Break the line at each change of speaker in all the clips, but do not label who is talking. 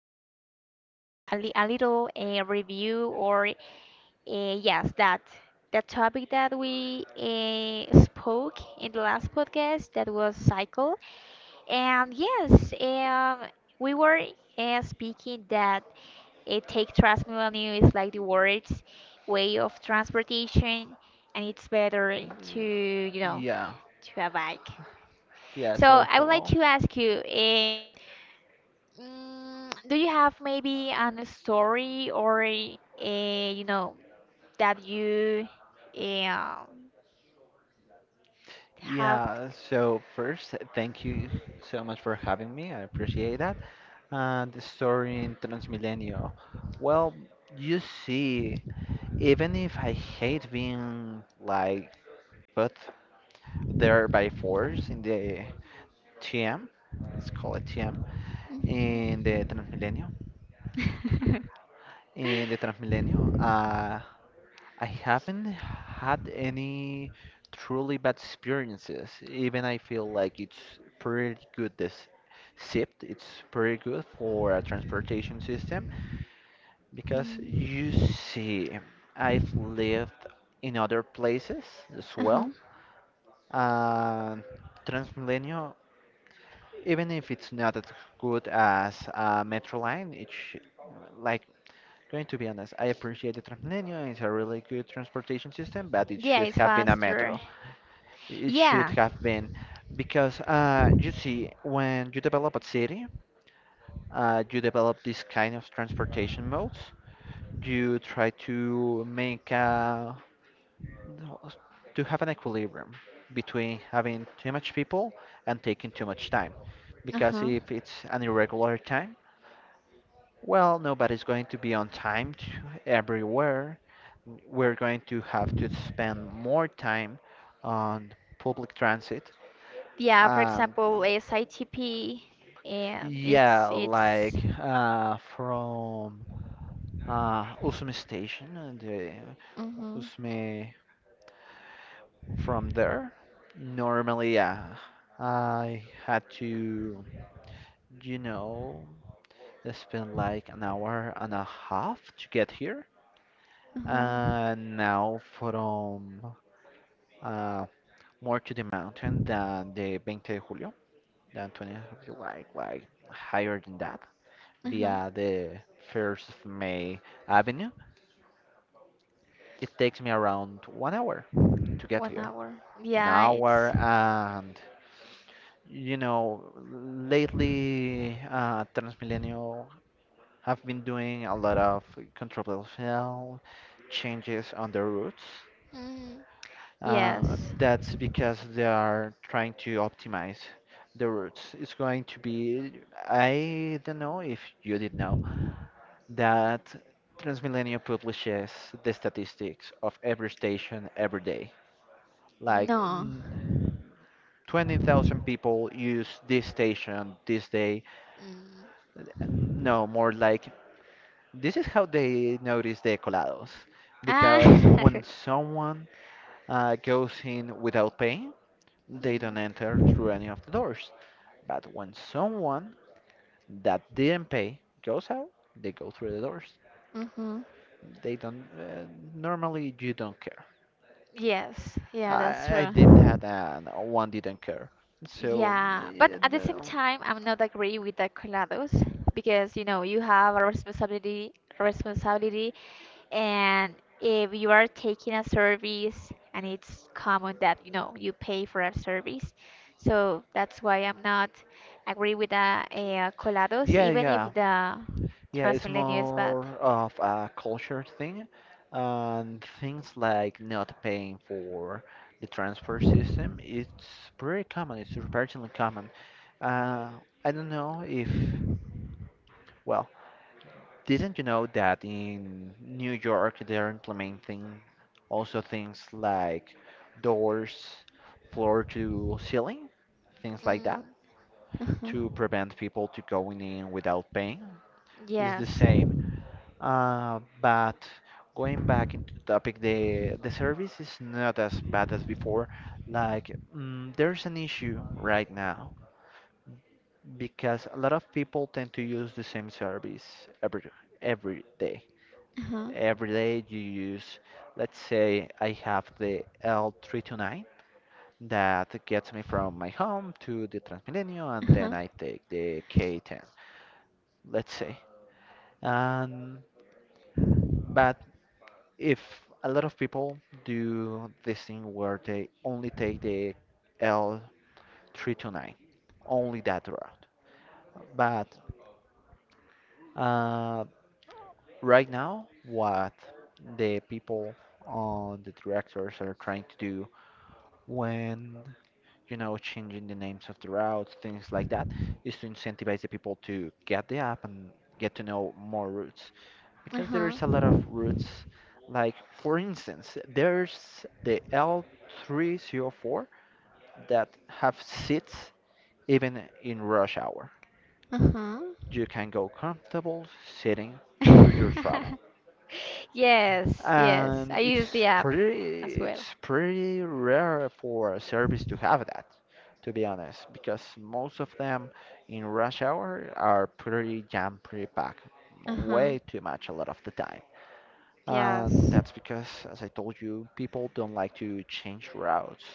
a little review or yes, that the topic that we spoke in the last podcast that was cycle. And yes, we were speaking that. It takes Transmilenio is like the world's way of transportation, and it's better to you know
Yeah.
to a bike.
Yeah.
So
So
I would like
hello.
to ask you, mm, do you have maybe an story or a you know that you um, have?
Yeah, so first, thank you so much for having me. I appreciate that. The story in Transmilenio. Well, you see, even if I hate being like put there by force in the TM, let's call it TM, in the Transmilenio, in the Transmilenio, uh, I haven't had any truly bad experiences. Even I feel like it's pretty good this SIPT. It's pretty good for a transportation system because,
Mm,
you see, I've lived in other places as
uh-huh.
well. And Transmilenio, even if it's not as good as a metro line, it's like, going to be honest, I appreciate the Transmilenio. It's a really good transportation system, but it
Yeah,
should
it's
have been a
faster.
metro. It should
Yeah.
have been, because you see, when you develop a city, you develop this kind of transportation modes. You try to make to have an equilibrium between having too much people and taking too much time. Because
Uh-huh.
if it's an irregular time, well, nobody's going to be on time to everywhere. We're going to have to spend more time on public transit.
Yeah, for
And.
example, SITP, yeah, it's
Yeah,
it's
like from Usume Station, the
mm-hmm,
Usume from there. Normally, yeah, I had to, you know, spend like an hour and a half to get here.
mm-hmm,
And now from uh, more to the mountain than the 20 de Julio, than 20th of July, like higher than that,
mm-hmm.
via the 1st of May. Avenue. It takes me around 1 hour to get
One
here.
hour.
One
Yeah,
hour,
it's
and lately Transmilenio have been doing a lot of controversial changes on the routes.
mm, yes.
That's because they are trying to optimize the routes. It's going to be, I don't know if you did know, that Transmilenio publishes the statistics of every station every day. Like,
No.
20,000 people use this station this day.
Mm.
No, more like, this is how they notice the colados.
Ah.
Because when someone goes in without paying, they don't enter through any of the doors. But when someone that didn't pay goes out, they go through the doors.
mm-hmm.
They don't, normally you don't care.
Yes. Yeah, that's
I did
true.
that and one didn't care. So,
Yeah, but at the same
no.
time, I'm not agree with the colados because you know you have a responsibility, responsibility, and if you are taking a service, and it's common that you know you pay for a service, so that's why I'm not agree with the colados,
Yeah,
even if
yeah,
the
yeah. It's
Transmilenio is bad.
more of a culture thing, and things like not paying for the transfer system. It's pretty common. It's surprisingly common. Uh, I don't know if, well, didn't you know that in New York they're implementing also things like doors, floor to ceiling, things like that,
Mm, uh-huh.
to prevent people to going in without paying. It's the
Yes.
same. But going back into the topic, the service is not as bad as before. Like, there's an issue right now because a lot of people tend to use the same service every every day.
Uh-huh.
Every day you use, let's say I have the L329 that gets me from my home to the Transmilenio, and then
Uh-huh.
I take the K10, let's say. And but if a lot of people do this thing where they only take the l three to nine, only that route. But uh, right now, what the people on the directors are trying to do when, changing the names of the routes, things like that, is to incentivize the people to get the app and get to know more routes, because
Uh-huh.
there's a lot of routes. Like, for instance, there's the L304 that have seats even in rush hour. You can go comfortable sitting through your
Uh-huh.
travel.
Yes, yes.
And
I use the
it's
app
pretty
as well.
it's pretty rare for a service to have that, to be honest, because most of them in rush hour are pretty jam, pretty packed,
Uh huh.
way too much a lot of the time. And
Yes.
that's because, as I told you, people don't like to change routes.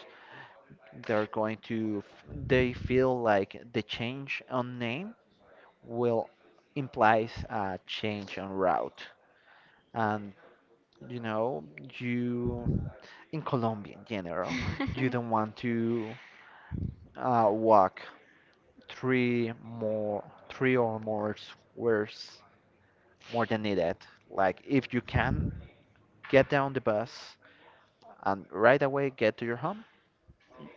They're going to, they feel like the change on name will implies a change on route. And, you know, you in Colombia in general, you don't want to walk three more, three or more squares more than needed. Like, if you can get down the bus and right away get to your home,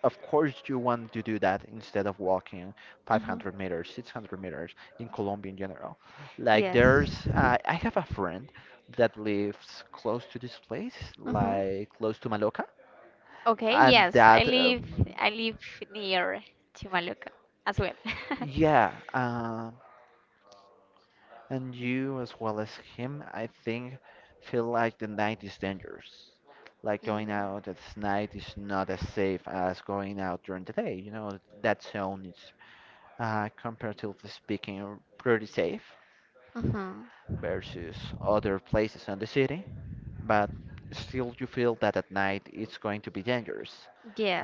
of course you want to do that instead of walking
Uh huh.
500 meters, 600 meters. In Colombia in general, like,
Yes.
there's I have a friend that lives close to this place,
Uh huh.
like close to Maloca,
Okay,
and
yes. I
that,
live I live near Chimaluca as well.
yeah, and you as well as him, I think, feel like the night is dangerous. Like,
Mm.
going out at night is not as safe as going out during the day. You know, that zone is, comparatively speaking, pretty safe
Uh huh.
versus other places in the city, but still you feel that at night it's going to be dangerous.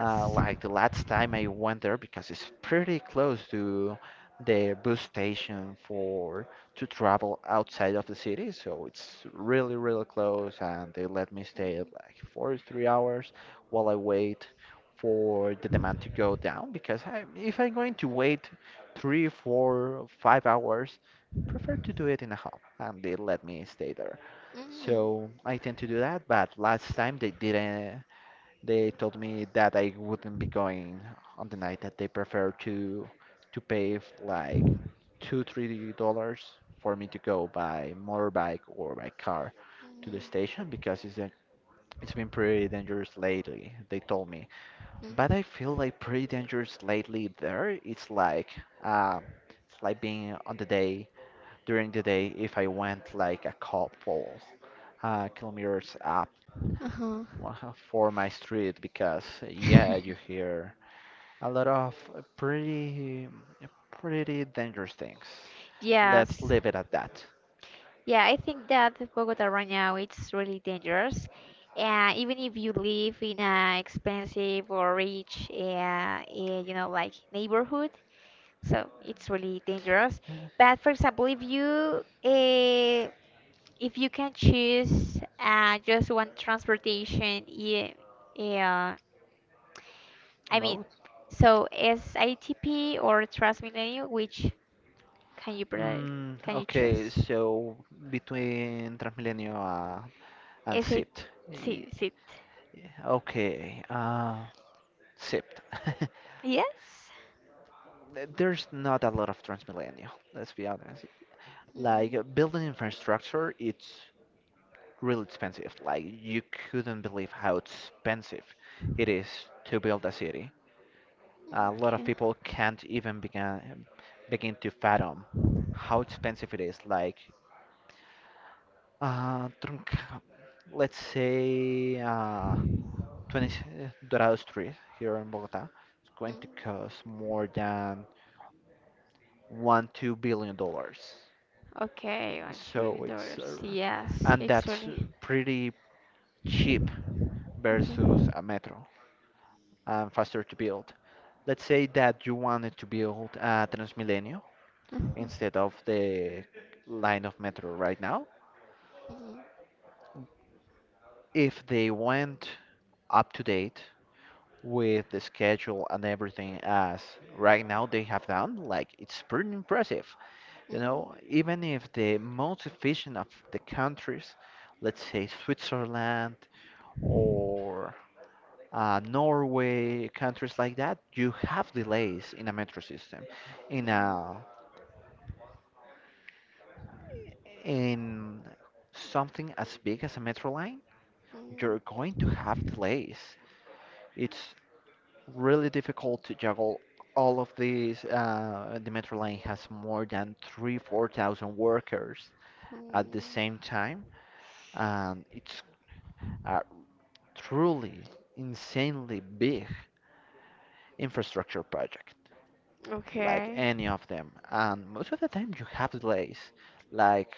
Like the last time I went there, because it's pretty close to the bus station for to travel outside of the city, so it's really, really close, and they let me stay
Mm.
like 4, 3 hours while I wait for the demand to go down, because if I'm going to wait three, four, 5 hours, prefer to do it in a hub, and they let me stay there.
Mm.
So I tend to do that, but last time they didn't, they told me that I wouldn't be going on the night, that they prefer to pay, like, two, $3 for me to go by motorbike or by car to the station, because it's been pretty dangerous lately, they told me.
Mm.
But I feel like pretty dangerous lately there. It's like, uh, it's like being on the day during the day, if I went like a couple kilometers,
Uh
wow, for my street, because
huh.
yeah, you hear a lot of pretty pretty dangerous things. Let's
Yes.
leave it at that.
Yeah, I think that Bogota right now it's really dangerous. And even if you live in a expensive or rich, you know, like neighborhood, so it's really dangerous.
Yeah.
But for example, uh, if you can choose just one transportation, yeah, I mean,
Mode?
so SITP or Transmilenio, which can you pre-
Mm,
can you
okay,
choose?
so between Transmilenio and
Is it
SIPT. Y-
sit?
Okay, SIPT.
Yes?
There's not a lot of Transmilenio, let's be honest. Like,
Mm,
building infrastructure, it's really expensive. Like, you couldn't believe how expensive it is to build a city.
mm,
A lot of
okay.
people can't even begin to fathom how expensive it is. Like, uh, Tronca- let's say 20 Dorado Street here in Bogota is going
Mm.
to cost more than 1, 2 billion dollars.
Okay, one trillion
So, it's
dollars. Yes,
and
it's
that's,
really.
pretty cheap
Hmm,
versus
hmm.
a metro, and faster to build. Let's say that you wanted to build a Transmilenio
Mm,
instead of the line of metro right now. If they went up to date with the schedule and everything as right now they have done, like, it's pretty impressive. You know, even if the most efficient of the countries, let's say Switzerland or Norway, countries like that, you have delays in a metro system, in
mm,
a in something as big as a metro line,
mm,
you're
mm,
going to have delays. It's really difficult to juggle all of these. The metro line has more than three, 4,000 workers at the
mm.
same time, and it's a truly insanely big infrastructure project, like
Okay.
any of them. And most of the time, you have delays. Like,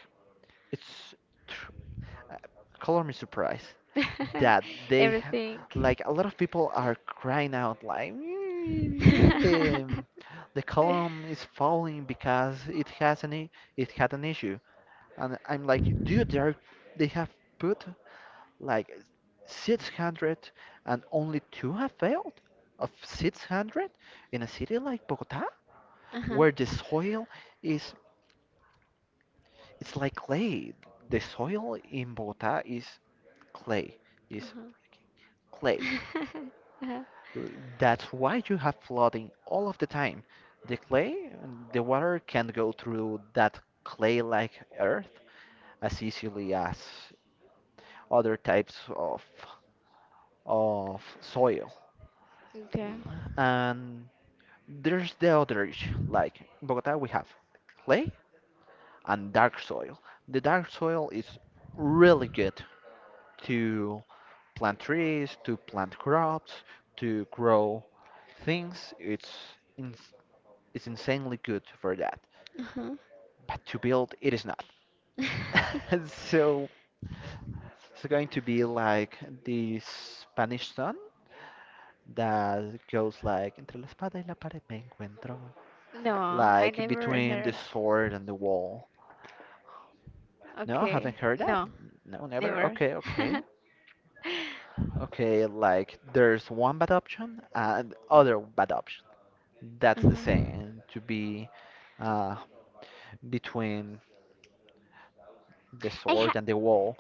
it's color me surprised that they,
Everything.
like, a lot of people are crying out like, "Mm, the the column is falling because it had an issue," and I'm like, dude, they have put like 600, and only two have failed of 600 in a city like Bogota
Uh-huh.
where the soil is it's like clay. The soil in Bogota is clay is
Uh-huh.
clay
Uh-huh.
That's why you have flooding all of the time. The clay, the water can't go through that clay-like earth as easily as other types of soil.
Okay.
And there's the other issue. Like, in Bogota, we have clay and dark soil. The dark soil is really good to plant trees, to plant crops, to grow things. It's in. Is insanely good for that.
Uh-huh.
But to build, it is not. So it's going to be like the Spanish sun that goes like, entre la espada y la pared me encuentro,
No, I
like
never
between the
heard.
sword and the wall. No, haven't
Okay,
heard that.
no,
No, never.
never.
Okay, okay, okay. Like, there's one bad option and other bad option. That's the
Mhm.
same to be, uh, between the
I ha
sword and the wall.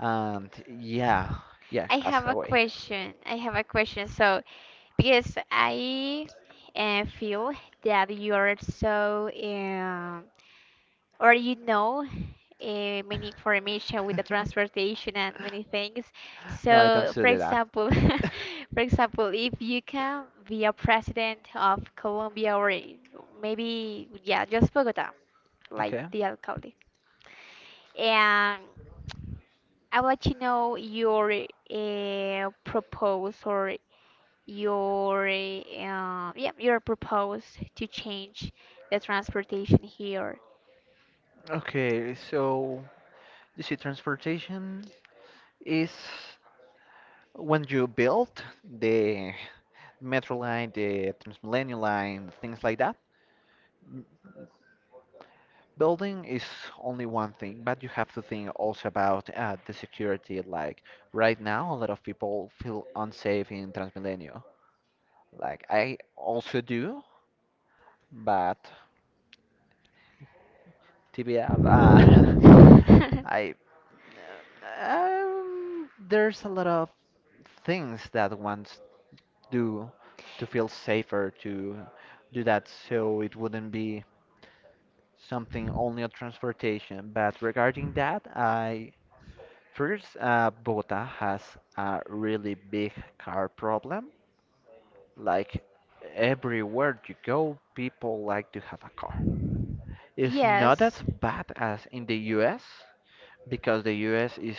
And yeah, yeah,
I
as
have
a
a
way.
question. So, because I feel that you are so or you know many information with the transportation and many things
No, I
so
don't do
for
that.
example for example if you can be a president of Colombia or maybe yeah just Bogota like
Okay.
the alcalde and I would like to know your propose or your yeah your propose to change the transportation here.
Okay, so you see, transportation is, when you build the metro line, the Transmilenio line, things like that. Building is only one thing, but you have to think also about the security. Like, right now, a lot of people feel unsafe in Transmilenio. Like, I also do, but TBF, I there's a lot of things that ones do to feel safer, to do that, so it wouldn't be something only on transportation. But regarding that, I first Bogota has a really big car problem. Like, everywhere you go, people like to have a car. It's not as
Yes.
bad as in the US, because the US is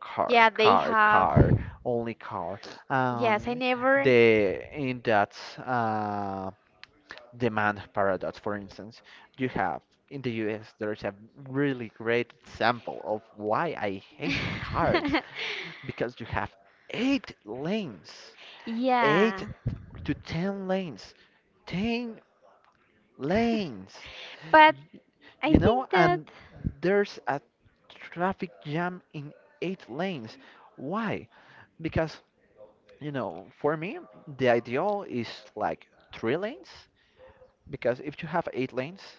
car,
Yeah, they
car,
have.
car, only car.
Yes, I
Um,
never.
the in that demand paradox, for instance, you have in the US there's a really great example of why I hate the cars because you have eight lanes, eight
Yeah.
to ten lanes
But I think that.
and there's a traffic jam in eight lanes. Why? Because, for me, the ideal is like three lanes, because if you have eight lanes,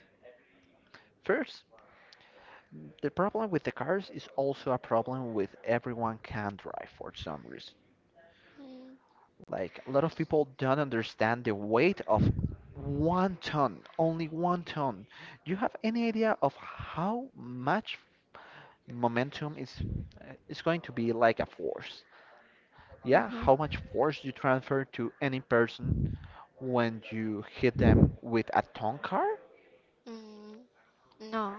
first, the problem with the cars is also a problem with everyone can drive for some reason.
Mm,
Like, a lot of people don't understand the weight of one ton, only one ton. Do you have any idea of how much momentum is going to be like a force. Yeah,
mhm.
how much force you transfer to any person when you hit them with a ton car?
Mm, no.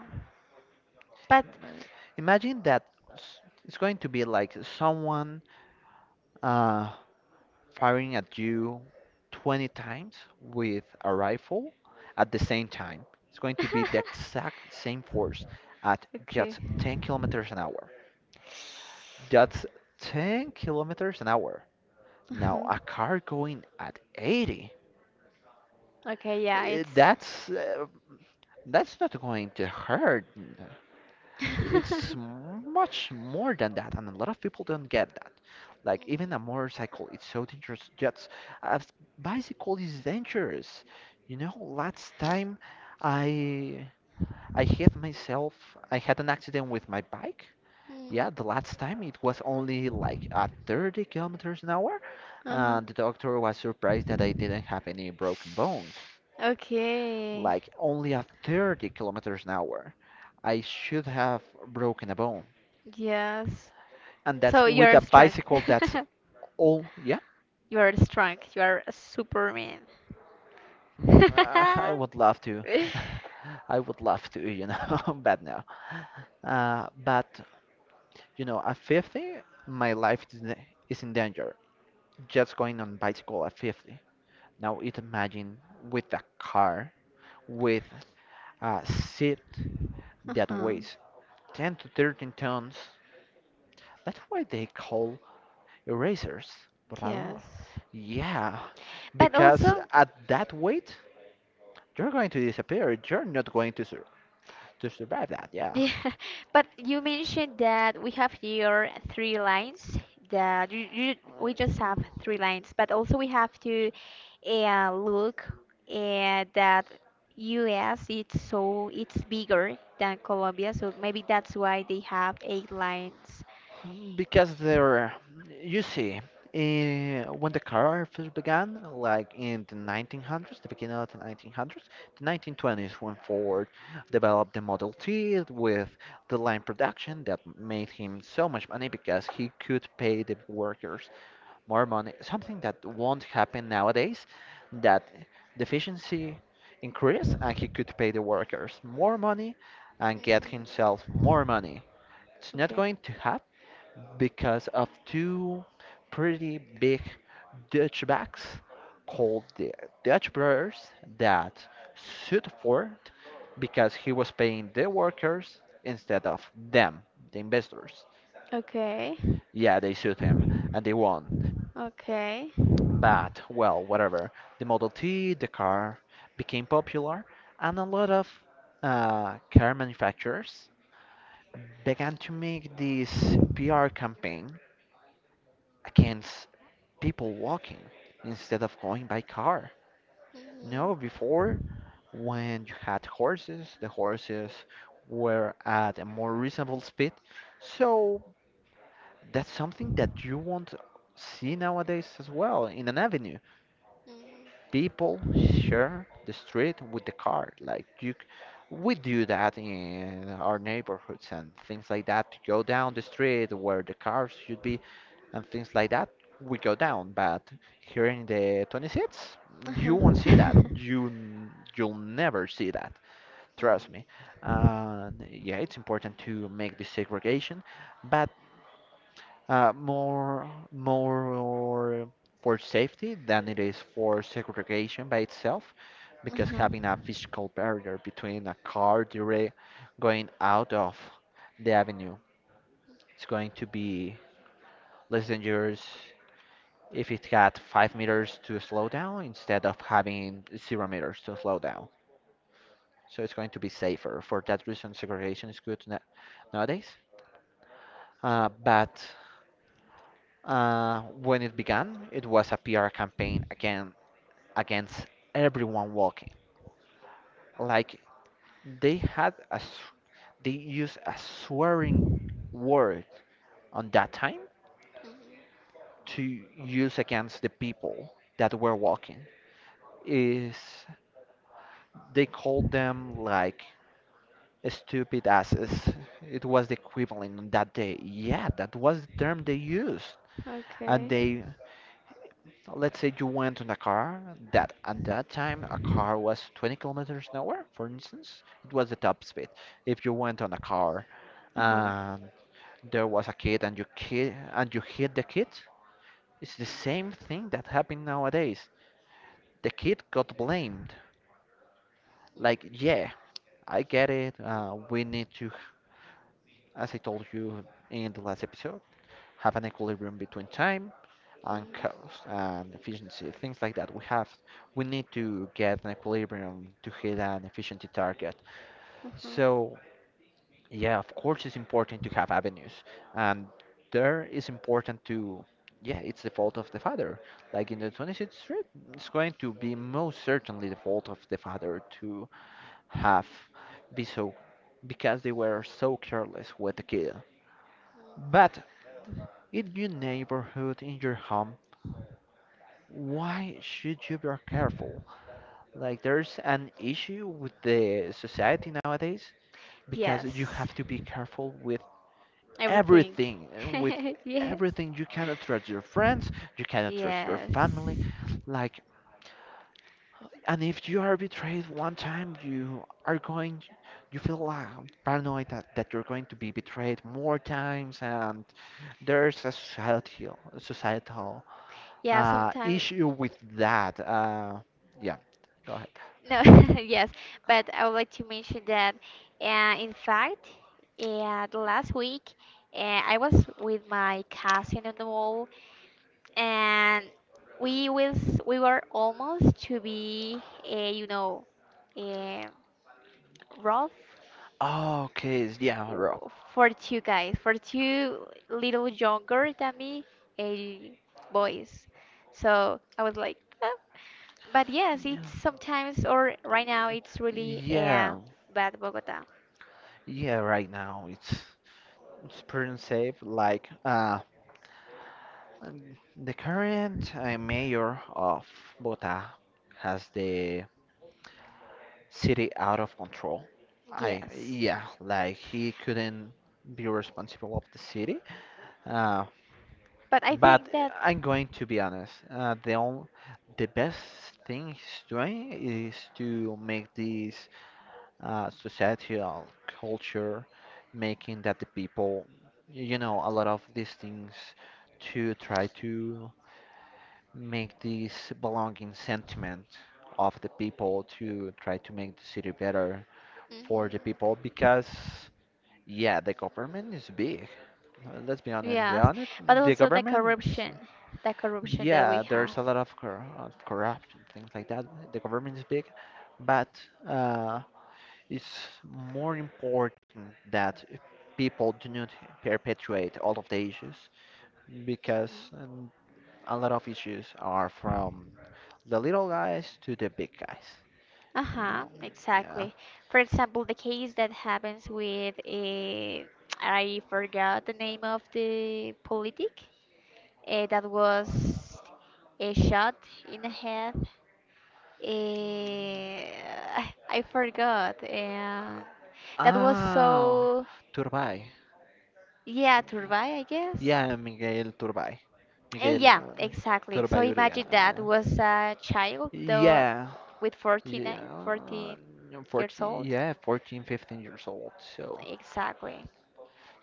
But.
Uh, Imagine that s- it's going to be like someone uh, firing at you 20 times with a rifle at the same time. It's going to be the exact same force at
Okay.
just 10 kilometers an hour. Just 10 kilometers an hour. Now,
Uh-huh.
a car going at 80,
Okay, yeah,
eh,
it's.
that's uh, that's not going to hurt. It's
Mm,
much more than that, and a lot of people don't get that. Like even a motorcycle, it's so dangerous. Just a s- bicycle is dangerous. Last time I I hit myself. I had an accident with my bike. Yeah,
mm.
the last time it was only like at 30 kilometers an hour,
Uh-huh.
and the doctor was surprised that I didn't have any broken bones.
Okay.
Like only at 30 kilometers an hour, I should have broken a bone.
Yes.
And that's
So
with
you're
a
strong.
bicycle that's all, yeah,
You're strong. You are a superman.
I would love to. I would love to, but no. But, at 50, my life is in danger. Just going on bicycle at 50. Now it imagine with a car with a seat that
Uh-huh.
weighs 10 to 13 tons. That's why they call erasers borrador.
Yes.
Yeah,
But
because
also,
at that weight, you're going to disappear. You're not going to sur to survive that. Yeah.
yeah, but you mentioned that we have here three lines that we just have three lines, but also we have to look at that US it's so it's bigger than Colombia, so maybe that's why they have eight lines.
Because they're, you see, when the car first began, like in the 1900s, the beginning of the 1900s, the 1920s, when Ford developed the Model T with the line production that made him so much money because he could pay the workers more money, something that won't happen nowadays, that the efficiency increased and he could pay the workers more money and get himself
Mm.
more money. It's not
Okay.
going to happen because of two pretty big Dutchbacks called the Dutch Brothers that sued for it because he was paying the workers instead of them, the investors.
Okay.
Yeah, they sued him and they won.
Okay.
But, well, whatever. The Model T, the car, became popular, and a lot of car manufacturers began to make this PR campaign against people walking instead of going by car.
Mhm.
No, before when you had horses, the horses were at a more reasonable speed. So that's something that you won't see nowadays as well in an avenue.
Mm.
People share the street with the car. We do that in our neighborhoods and things like that to go down the street where the cars should be and things like that, we go down. But here in the 26, you won't see that.
Uh-huh.
You'll never see that. Trust
Mm.
me. And yeah, it's important to make the segregation, but more for safety than it is for segregation by itself, because
Uh-huh.
having a physical barrier between a car direct going out of the avenue is going to be less dangerous if it had 5 meters to slow down instead of having 0 meters to slow down. So it's going to be safer. For that reason, segregation is good nowadays. But when it began, it was a PR campaign again against everyone walking. Like they had a, s- they used a swearing word on that time
Mhm.
to use against the people that were walking. Is they called them like stupid asses. It was the equivalent on that day. Yeah, that was the term they used. And
Okay.
they, let's say you went on a car that at that time a car was 20 kilometers an hour, for instance. It was the top speed. If you went on a car
Uh-huh.
and there was a kid and you hit the kid, it's the same thing that happened nowadays. The kid got blamed. Like, yeah, I get it. We need to, as I told you in the last episode have an equilibrium between time and
Mm.
cost and efficiency, things like that. We need to get an equilibrium to hit an efficiency target.
Uh-huh.
So yeah, of course it's important to have avenues and there is important to yeah, it's the fault of the father. Like in the 26th Street, it's going to be most certainly the fault of the father to have be so because they were so careless with the kid.
Mm.
But in your neighborhood, in your home, why should you be careful? Like, there's an issue with the society nowadays because you
Yes.
have to be careful with
Everything.
everything. With
Yes.
everything, you cannot trust your friends, you cannot trust your
Yes.
family. Like, and if you are betrayed one time, you are going, you feel paranoid that you're going to be betrayed more times, and there's a societal
Yeah, sometimes.
issue with that. Yeah, go ahead.
No, yes, but I would like to mention that, in fact, the last week, I was with my cousin on the mall, and we was we were almost to be, uh, you know, uh, rough
Oh, okay. Yeah, bro.
for two guys, for two little younger than me, uh, boys. So I was like. "Well, but yes, it's
Yeah,
sometimes or right now it's really
yeah,
bad Bogota.
yeah. Right now, it's pretty safe. Like, the current mayor of Bogota has the city out of control. I
Yes.
yeah, like he couldn't be responsible of the city. Uh,
But I
but
think that
I'm going to be honest. The best thing he's doing is to make this societal culture, making that the people, a lot of these things to try to make this belonging sentiment of the people to try to make the city better for
mhm.
the people because yeah the government is big. Let's be honest
Yes, but
the
also
government is-
the corruption that we
yeah there's
have.
a lot of, of corruption things like that the government is big but uh, it's more important that people do not perpetuate all of the issues because
Mhm.
um, a lot of issues are from the little guys to the big guys. You
Uh-huh,
know, yeah.
exactly. For example, the case that happens with a I forgot the name of the politic that was a shot in the head. Eh, I forgot. And that was
Ah,
so,
Turbay.
yeah, Turbay, I guess.
Yeah, Miguel Turbay.
Eh,
Miguel
yeah, exactly. So
Turbay Uribe.
imagine that was a child though,
Yeah,
with 14,
yeah,
eh,
uh,
14 years
14,
old.
yeah, 14, 15 years old. So
Exactly.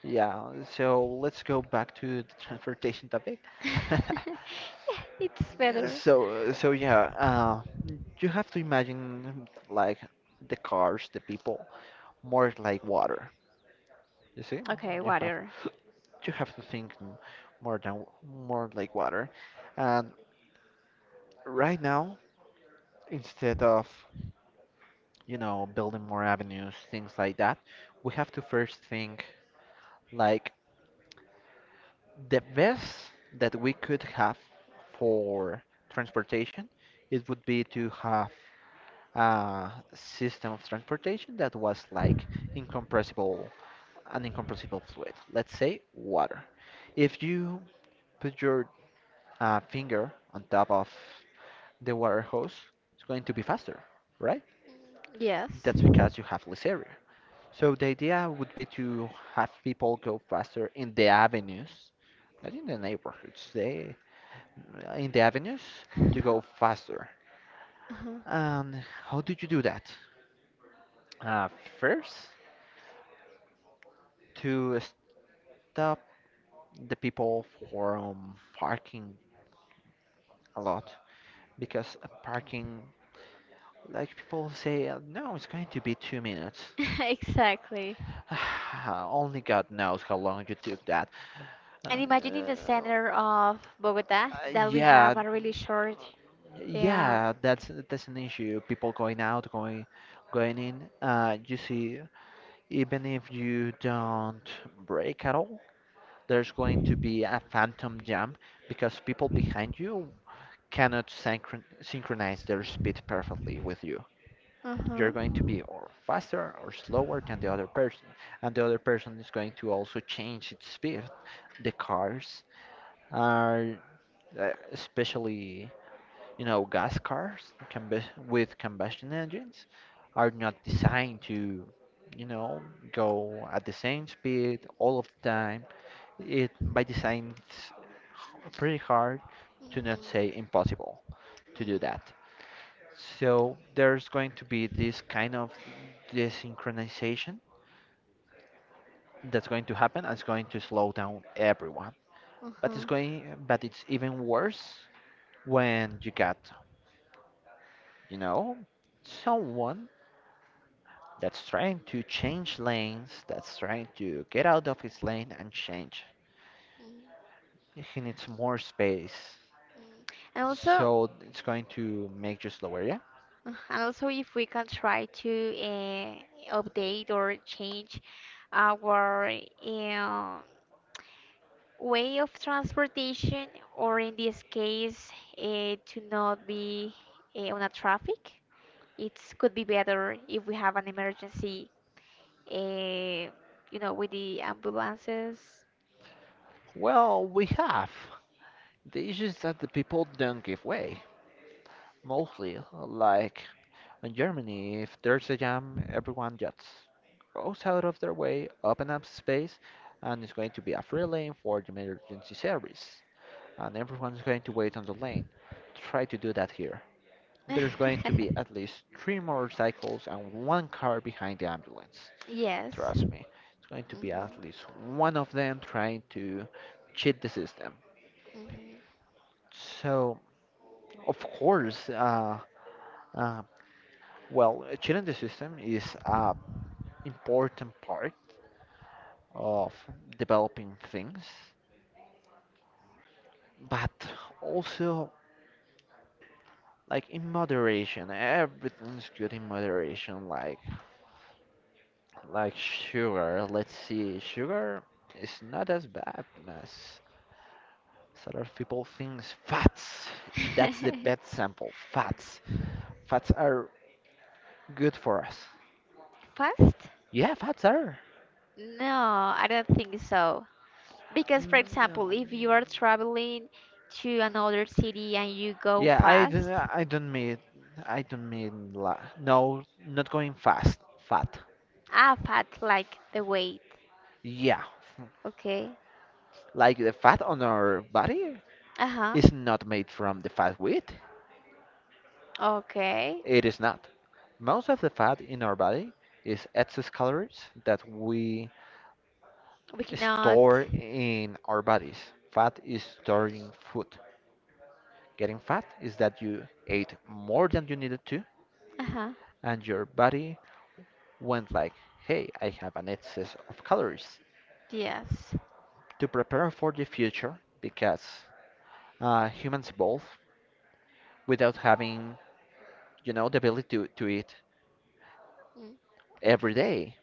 yeah, so let's go back to the transportation topic.
Yeah, it's better.
So, yeah, you have to imagine like the cars, the people, more like water. You see,
Okay,
you have
water.
you have to think more than more like water. And right now, instead of building more avenues, things like that, we have to first think like the best that we could have for transportation, it would be to have a system of transportation that was like incompressible, an incompressible fluid, let's say water. If you put your finger on top of the water hose, it's going to be faster, right?
Yes.
That's
Uh-huh.
because you have less area. So the idea would be to have people go faster in the avenues, not in the neighborhoods. They in the avenues to go faster. And how did you do that? Uh, first, to stop the people from parking a lot because parking, like people say, no, it's going to be 2 minutes.
Exactly.
Only God knows how long you took that. Uh,
And imagine in
uh,
the center of Bogota
uh,
that we
yeah,
have a really short uh,
yeah, that's an issue. People going out, going in. You see even if you don't brake at all, there's going to be a phantom jump because people behind you cannot synchronize their speed perfectly with you. You're going
mm-hmm.
to be or faster or slower than the other person, and the other person is going to also change its speed. The cars are, especially gas cars combustion engines are not designed to, you know, go at the same speed all of the time. It by design it's pretty hard to not say impossible to do that. So there's going to be this kind of desynchronization that's going to happen and it's going to slow down everyone.
Mhm. Mm-hmm.
But it's even worse when you got, you know, someone that's trying to change lanes, that's trying to get out of his lane and change.
Mm,
He needs more space.
mm. And also,
So it's going to make you slower, yeah?
if we can try to update or change our uh, way of transportation, or in this case, to not be on a traffic. It could be better if we have an emergency, uh, you know, with the ambulances.
Well, we have. The issue is that the people don't give way. Mostly, like in Germany, if there's a jam, everyone just goes out of their way, open up space, and it's going to be a free lane for the emergency service. And everyone's going to wait on the lane. Try to do that here. There's going to be at least three motorcycles and one car behind the ambulance.
Yes.
Trust me, it's going to be at
Mhm,
least one of them trying to cheat the system. So, of course, uh, well, cheating the system is an important part of developing things, but also like in moderation. Everything's good in moderation. Like sugar, let's see. Sugar is not as bad as a lot of people think. Fats, that's the
mhm.
best sample. Fats are good for us.
Fast?
Yeah, fats are.
No, I don't think so. Because, for example,
No.
if you are traveling to another city and you go
Yeah,
fast,
I don't mean la no, not going fast. Fat.
ah, fat like the weight.
Yeah,
Okay.
like the fat on our body
Uh huh.
is not made from the fat wheat.
Okay.
It is not. Most of the fat in our body is excess calories that we
We cannot.
store in our bodies. Fat is storing food. Getting fat is that you ate more than you needed to,
Uh huh.
and your body went like, "Hey, I have an excess of calories."
Yes.
To prepare for the future, because humans evolve without having, you know, the ability to, eat
Mm.
every day.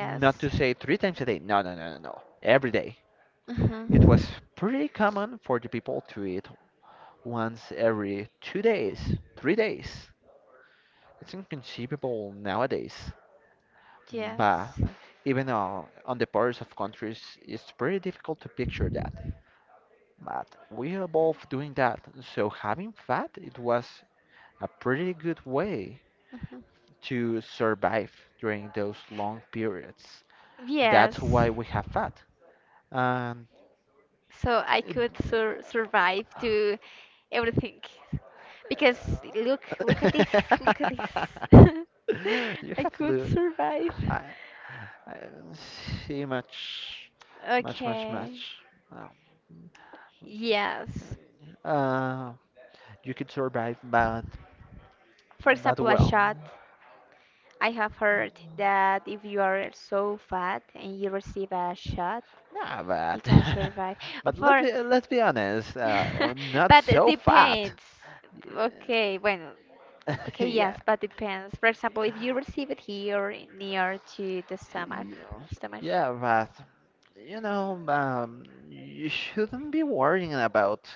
Not to say three times a day. No, no, no, no, no. Every day.
Uh
It was
huh.
pretty common for the people to eat once every 2 days, 3 days. It's inconceivable nowadays. But
Yes.
even on the borders of countries, it's pretty difficult to picture that. But we are both doing that, so having fat, it was a pretty good way
Uh-huh.
to survive during those long periods.
Yes.
That's why we have fat. And
So I
it-
could survive to everything. Because look, look at this, look at this.
You
I
have
could
Lou.
survive.
I, I see much,
Okay.
much. Um,
Yes.
uh, you could survive, but,
For
but
example, a
well,
shot. I have heard that if you are so fat and you receive a shot,
nah,
you
but,
can survive. For
let's be honest. We're not
but it
so fat.
depends.
Yeah,
Okay, bueno. Okay, yes,
yeah,
but depends. For example, if you receive it here near to the stomach,
yeah,
stomach.
yeah, but you know, you shouldn't be worrying about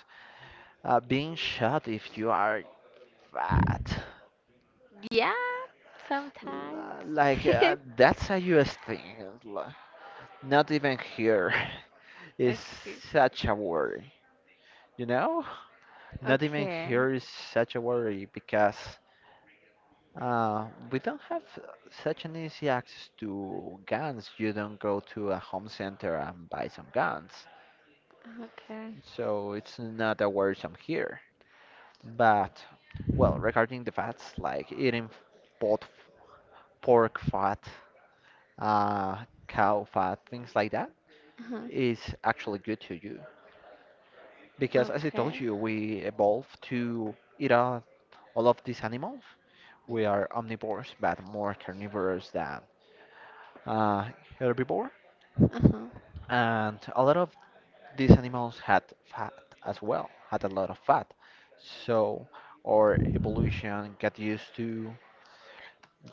being shot if you are fat.
Yeah, sometimes.
Like that's a US thing. Not even here is
Okay.
such a worry, you know? Not even
Okay.
here is such a worry because we don't have such an easy access to guns. You don't go to a home center and buy some guns,
Okay.
so it's not a worrisome here. But well, regarding the fats, like eating pot, pork fat, cow fat, things like that.
Uh-huh.
Is actually good to you. Because as I told
Okay.
you, we evolved to eat out all of these animals. We are omnivores, but more carnivores than uh, herbivore.
Uh huh.
And a lot of these animals had fat as well, had a lot of fat. So our evolution got used to,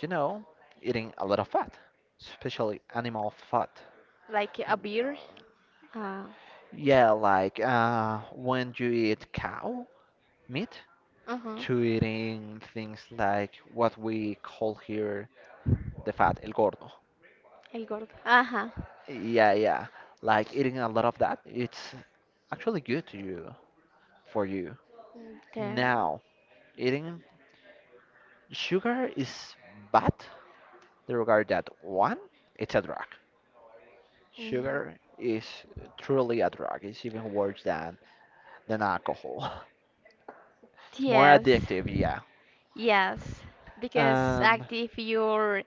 you know, eating a lot of fat, especially animal fat.
Like a beer. Uh,
Yeah, like when you eat cow meat,
huh.
to eating things like what we call here the fat, el gordo.
El gordo. Ajá.
Yeah, yeah. Like eating a lot of that, it's actually good to you for you.
The,
Now, eating sugar is bad. They regard that one, it's a drug.
mm,
Sugar is truly a drug. It's even worse than alcohol. It's more
yes.
addictive, yeah.
Yes. Because
And
active your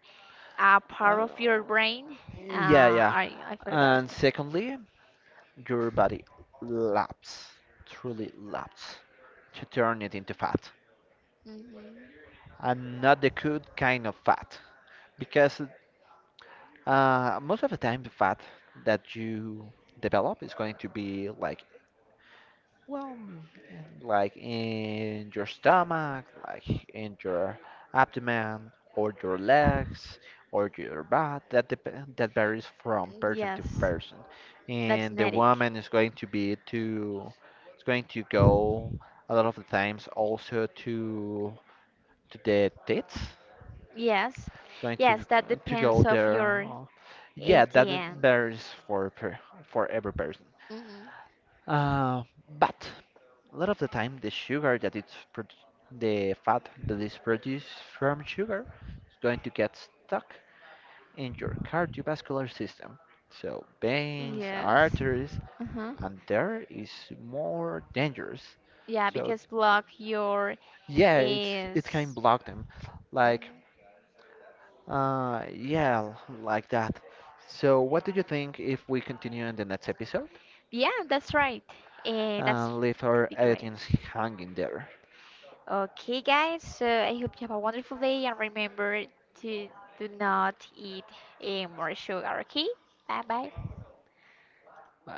uh,
part of your brain. Uh,
yeah.
I, I forgot.
And secondly, your body laps, truly laps, to turn it into fat.
Mhm.
And not the good kind of fat, because most of the time the fat that you develop is going to be like well, like in your stomach, like in your abdomen, or your legs, or your butt. That varies from person to
Yes.
person.
That's
And the
genetic.
woman is going to be to, it's going to go a lot of the times also to the tits.
Yes.
It's going to
Yes, that
go
depends of
there.
your
Yeah, that
ADN.
varies for every person.
Mhm.
Uh, but. A lot of the time, the sugar that it's pro- the fat that is produced from sugar is going to get stuck in your cardiovascular system. So veins,
Yes.
arteries,
Uh-huh.
and there is more dangerous.
Yeah,
So
because block your
yeah, it can
is.
block them, like yeah, like that. So what do you think if we continue in the next episode
Yeah, that's right. Eh, that's
and leave
could
our
be great.
audience hanging there?
Okay, guys. So I hope you have a wonderful day and remember to do not eat eh, more sugar. Okay. Bye bye.
Uh,